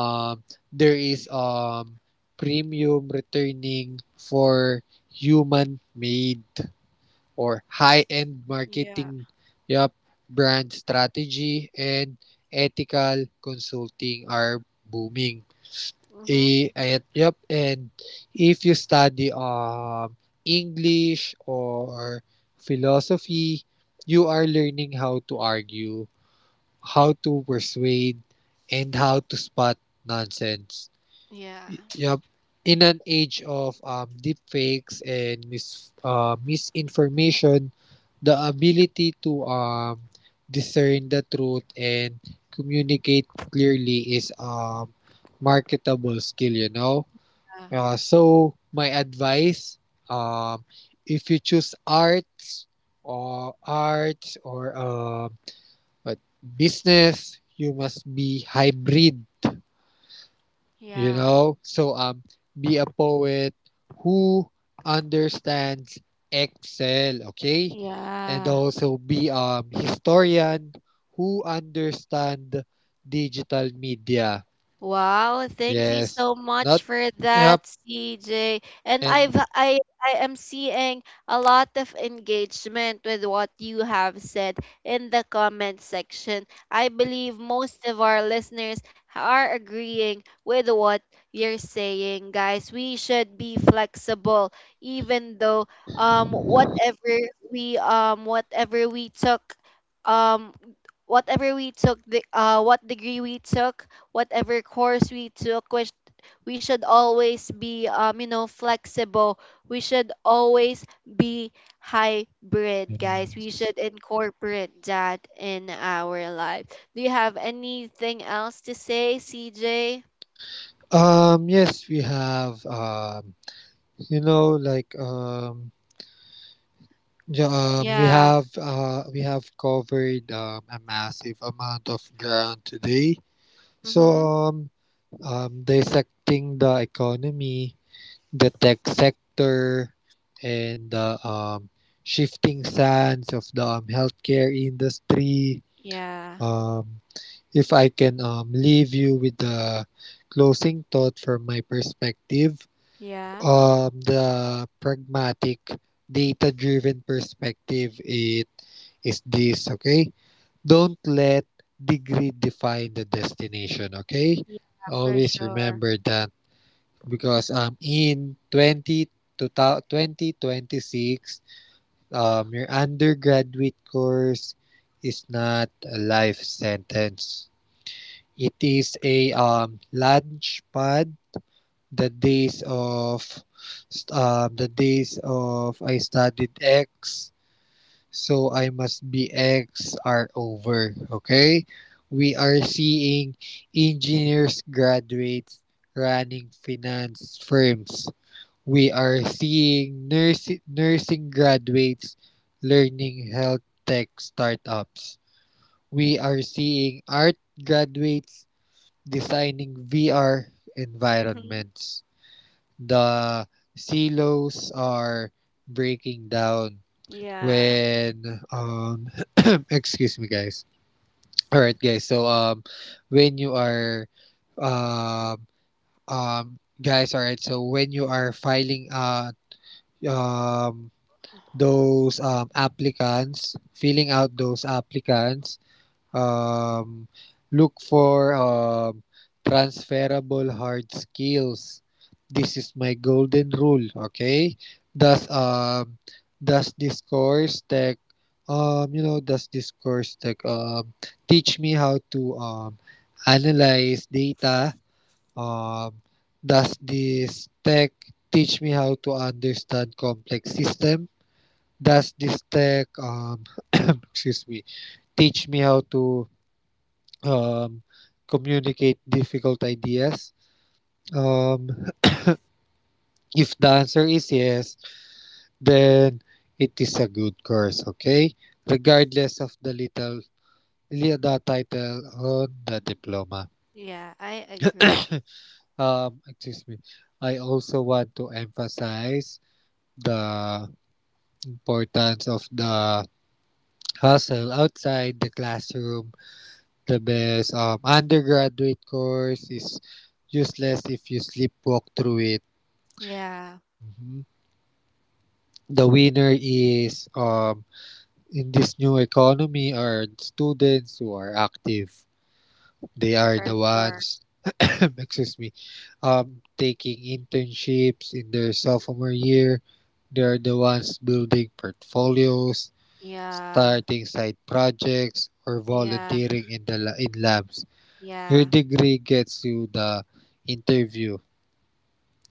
Speaker 2: Um, there is um premium returning for human made or high end
Speaker 1: Yeah.
Speaker 2: marketing. Yep. Brand strategy and ethical consulting are booming.
Speaker 1: Mhm.
Speaker 2: Eh, ayan, yep. And if you study um English or philosophy, you are learning how to argue, how to persuade, and how to spot nonsense.
Speaker 1: Yeah.
Speaker 2: Yep. In an age of um, deepfakes and mis- uh, misinformation, the ability to um, discern the truth and communicate clearly is a um, marketable skill, you know?
Speaker 1: Yeah.
Speaker 2: Uh, so my advice, um, if you choose arts or arts or um what business, you must be hybrid. You
Speaker 1: Yeah.
Speaker 2: know, so um, be a poet who understands Excel. Okay, and
Speaker 1: Yeah.
Speaker 2: also be um historian who understand digital media.
Speaker 1: Wow, thank you
Speaker 2: Yes,
Speaker 1: so much
Speaker 2: not
Speaker 1: for that,
Speaker 2: yep,
Speaker 1: C J. And I've
Speaker 2: and
Speaker 1: I I am seeing a lot of engagement with what you have said in the comment section. I believe most of our listeners are agreeing with what you're saying, guys. We should be flexible, even though um whatever we, um whatever we took um whatever we took the uh what degree we took, whatever course we took, which we should always be, um you know flexible. We should always be hybrid, guys. We should incorporate that in our life. Do you have anything else to say, CJ?
Speaker 2: Um, yes, we have. Um, you know, like um, yeah, um, we
Speaker 1: Yeah.
Speaker 2: have uh, we have covered um, a massive amount of ground today. So,
Speaker 1: Mhm.
Speaker 2: um, um, dissecting the economy, the tech sector, and the um, shifting sands of the um, healthcare industry.
Speaker 1: Yeah.
Speaker 2: Um, if I can um, leave you with the closing thought from my perspective,
Speaker 1: Yeah.
Speaker 2: um, the pragmatic data driven perspective, it is this. Okay, don't let degree define the destination. Okay,
Speaker 1: Yeah, for
Speaker 2: always
Speaker 1: sure.
Speaker 2: remember that, because um in twenty to twenty twenty six, um your undergraduate course is not a life sentence, it is a um launch pad. The days of uh, the days of I studied X, so I must be X are over. Okay, we are seeing engineers graduates running finance firms. We are seeing nursing nursing graduates learning health tech startups. We are seeing art graduates designing V R
Speaker 1: Mhm.
Speaker 2: environments. The silos are breaking down
Speaker 1: Yeah.
Speaker 2: when um excuse me guys. All right guys so um when you are um um guys all right so when you are filing uh um those um applicants filling out those applicants, um, look for um, transferable hard skills. This is my golden rule, okay? Does um does this course tech, um you know does this course tech um teach me how to um analyze data? Um does this tech teach me how to understand complex system? Does this tech um excuse me, teach me how to um, communicate difficult ideas? Um, if the answer is yes, then it is a good course, okay? Regardless of the little li- the title on the diploma.
Speaker 1: Yeah, I agree.
Speaker 2: Um, excuse me. I also want to emphasize the importance of the hustle outside the classroom. The best um, undergraduate course is useless if you sleepwalk through it.
Speaker 1: Yeah,
Speaker 2: Mhm. The winner is um in this new economy are students who are active. They are
Speaker 1: for
Speaker 2: the
Speaker 1: sure.
Speaker 2: ones excuse me um taking internships in their sophomore year. They are the ones building portfolios,
Speaker 1: Yeah.
Speaker 2: starting side projects, or
Speaker 1: Yeah.
Speaker 2: volunteering in the la- in labs. Your
Speaker 1: Yeah.
Speaker 2: degree gets you the interview,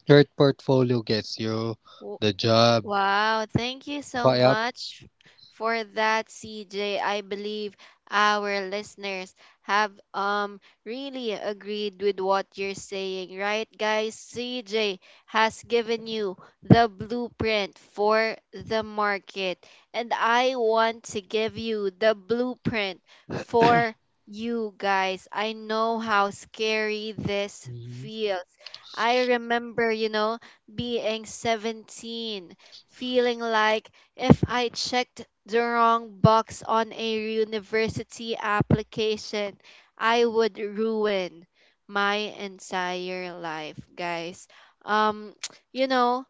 Speaker 2: your portfolio gets you the job.
Speaker 1: Wow, thank you so
Speaker 2: Fi- Yup.
Speaker 1: much for that, C J. I believe our listeners have um really agreed with what you're saying, right, guys? C J has given you the blueprint for the market, and I want to give you the blueprint for you, guys. I know how scary this
Speaker 2: Mhm.
Speaker 1: feels. I remember, you know, being seventeen, feeling like if I checked the wrong box on a university application, I would ruin my entire life, guys. Um, you know,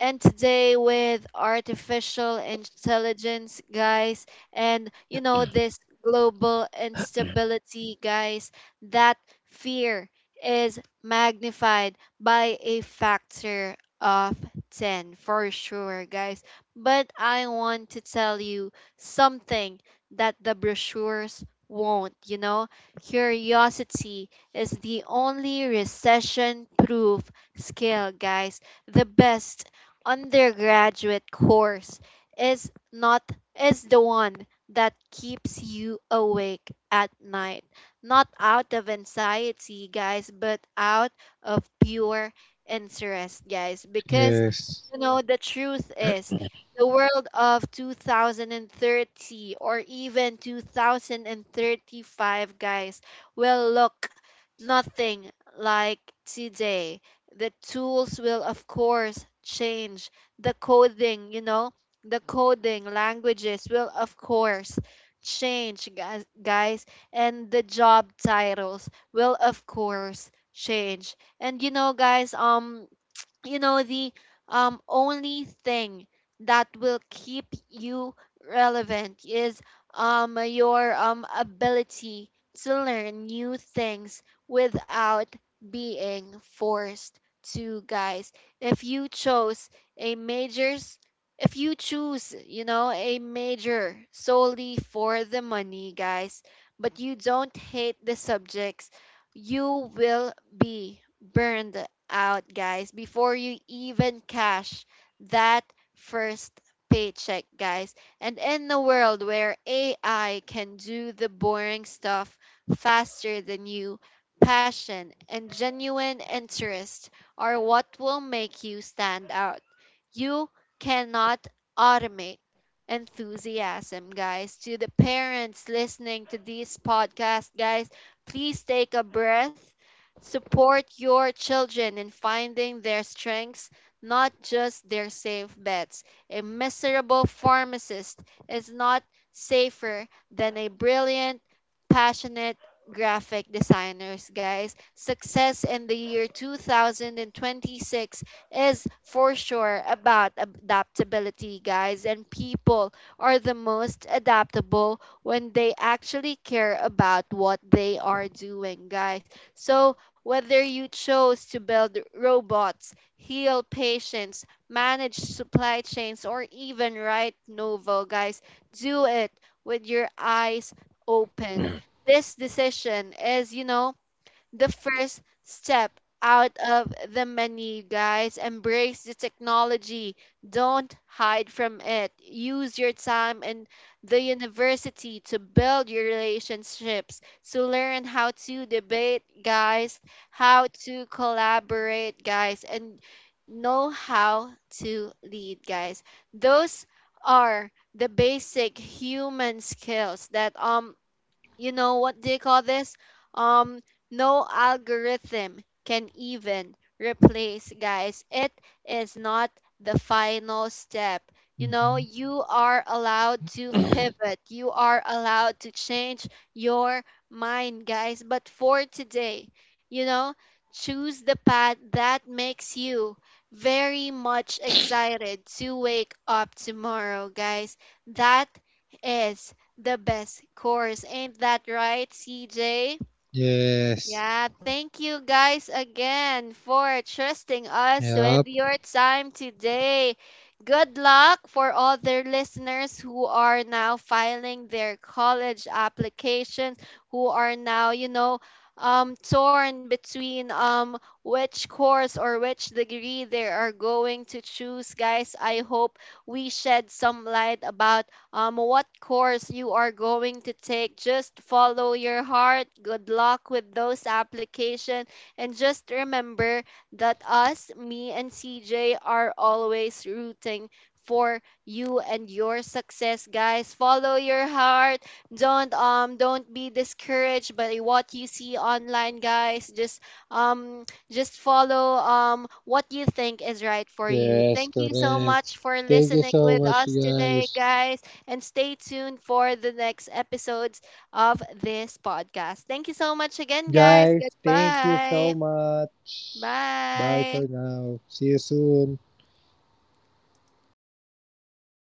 Speaker 1: and today with artificial intelligence, guys, and, you know, this global instability, guys, that fear is magnified by a factor of ten, for sure, guys. But I want to tell you something that the brochures won't, you know. Curiosity is the only recession proof skill, guys. The best undergraduate course is not is the one that keeps you awake at night, not out of anxiety, guys, but out of pure interest, guys, because,
Speaker 2: Yes.
Speaker 1: you know, the truth is, the world of two thousand thirty or even two thousand thirty-five, guys, will look nothing like today. The tools will of course change, the coding, you know the coding languages will of course change, guys guys and the job titles will of course change. And, you know guys um you know the, um only thing that will keep you relevant is, um your um ability to learn new things without being forced to, guys. If you chose a majors If you choose, you know, a major solely for the money, guys, but you don't hate the subjects, you will be burned out, guys, before you even cash that first paycheck, guys. And in a world where A I can do the boring stuff faster than you, passion and genuine interest are what will make you stand out. You cannot automate enthusiasm, guys. To the parents listening to this podcast, guys, please take a breath. Support your children in finding their strengths, not just their safe bets. A miserable pharmacist is not safer than a brilliant, passionate graphic designers, guys. Success in the year two thousand twenty-six is for sure about adaptability, guys, and people are the most adaptable when they actually care about what they are doing, guys. So whether you chose to build robots, heal patients, manage supply chains, or even write novel, guys, do it with your eyes open. This decision is, you know, the first step out of the menu, guys. Embrace the technology. Don't hide from it. Use your time in the university to build your relationships, to learn how to debate, guys, how to collaborate, guys, and know how to lead, guys. Those are the basic human skills that, um you know what they call this um no algorithm can even replace, guys. It is not the final step. You know,
Speaker 2: Mhm.
Speaker 1: you are allowed to pivot, you are allowed to change your mind, guys, but for today, you know, choose the path that makes you very much excited to wake up tomorrow, guys. That is the best course. Ain't that right, C J?
Speaker 2: Yes.
Speaker 1: Yeah, thank you guys again for trusting us with
Speaker 2: Yep.
Speaker 1: your time today. Good luck for other listeners who are now filing their college applications, who are now, you know, um torn between um which course or which degree they are going to choose, guys. I hope we shed some light about um, what course you are going to take. Just follow your heart. Good luck with those applications, and just remember that us, me, and C J are always rooting for you and your success, guys. Follow your heart. Don't, um don't be discouraged by what you see online, guys. Just um just follow um what you think is right for you.
Speaker 2: Yes,
Speaker 1: Thank you so
Speaker 2: correct.
Speaker 1: much for
Speaker 2: Thank you
Speaker 1: listening
Speaker 2: so
Speaker 1: with
Speaker 2: much,
Speaker 1: us today,
Speaker 2: guys.
Speaker 1: guys, and stay tuned for the next episodes of this podcast. Thank you so much again, guys.
Speaker 2: Guys, thank you
Speaker 1: Goodbye.
Speaker 2: so much. Bye
Speaker 1: Bye.
Speaker 2: for now. See you soon.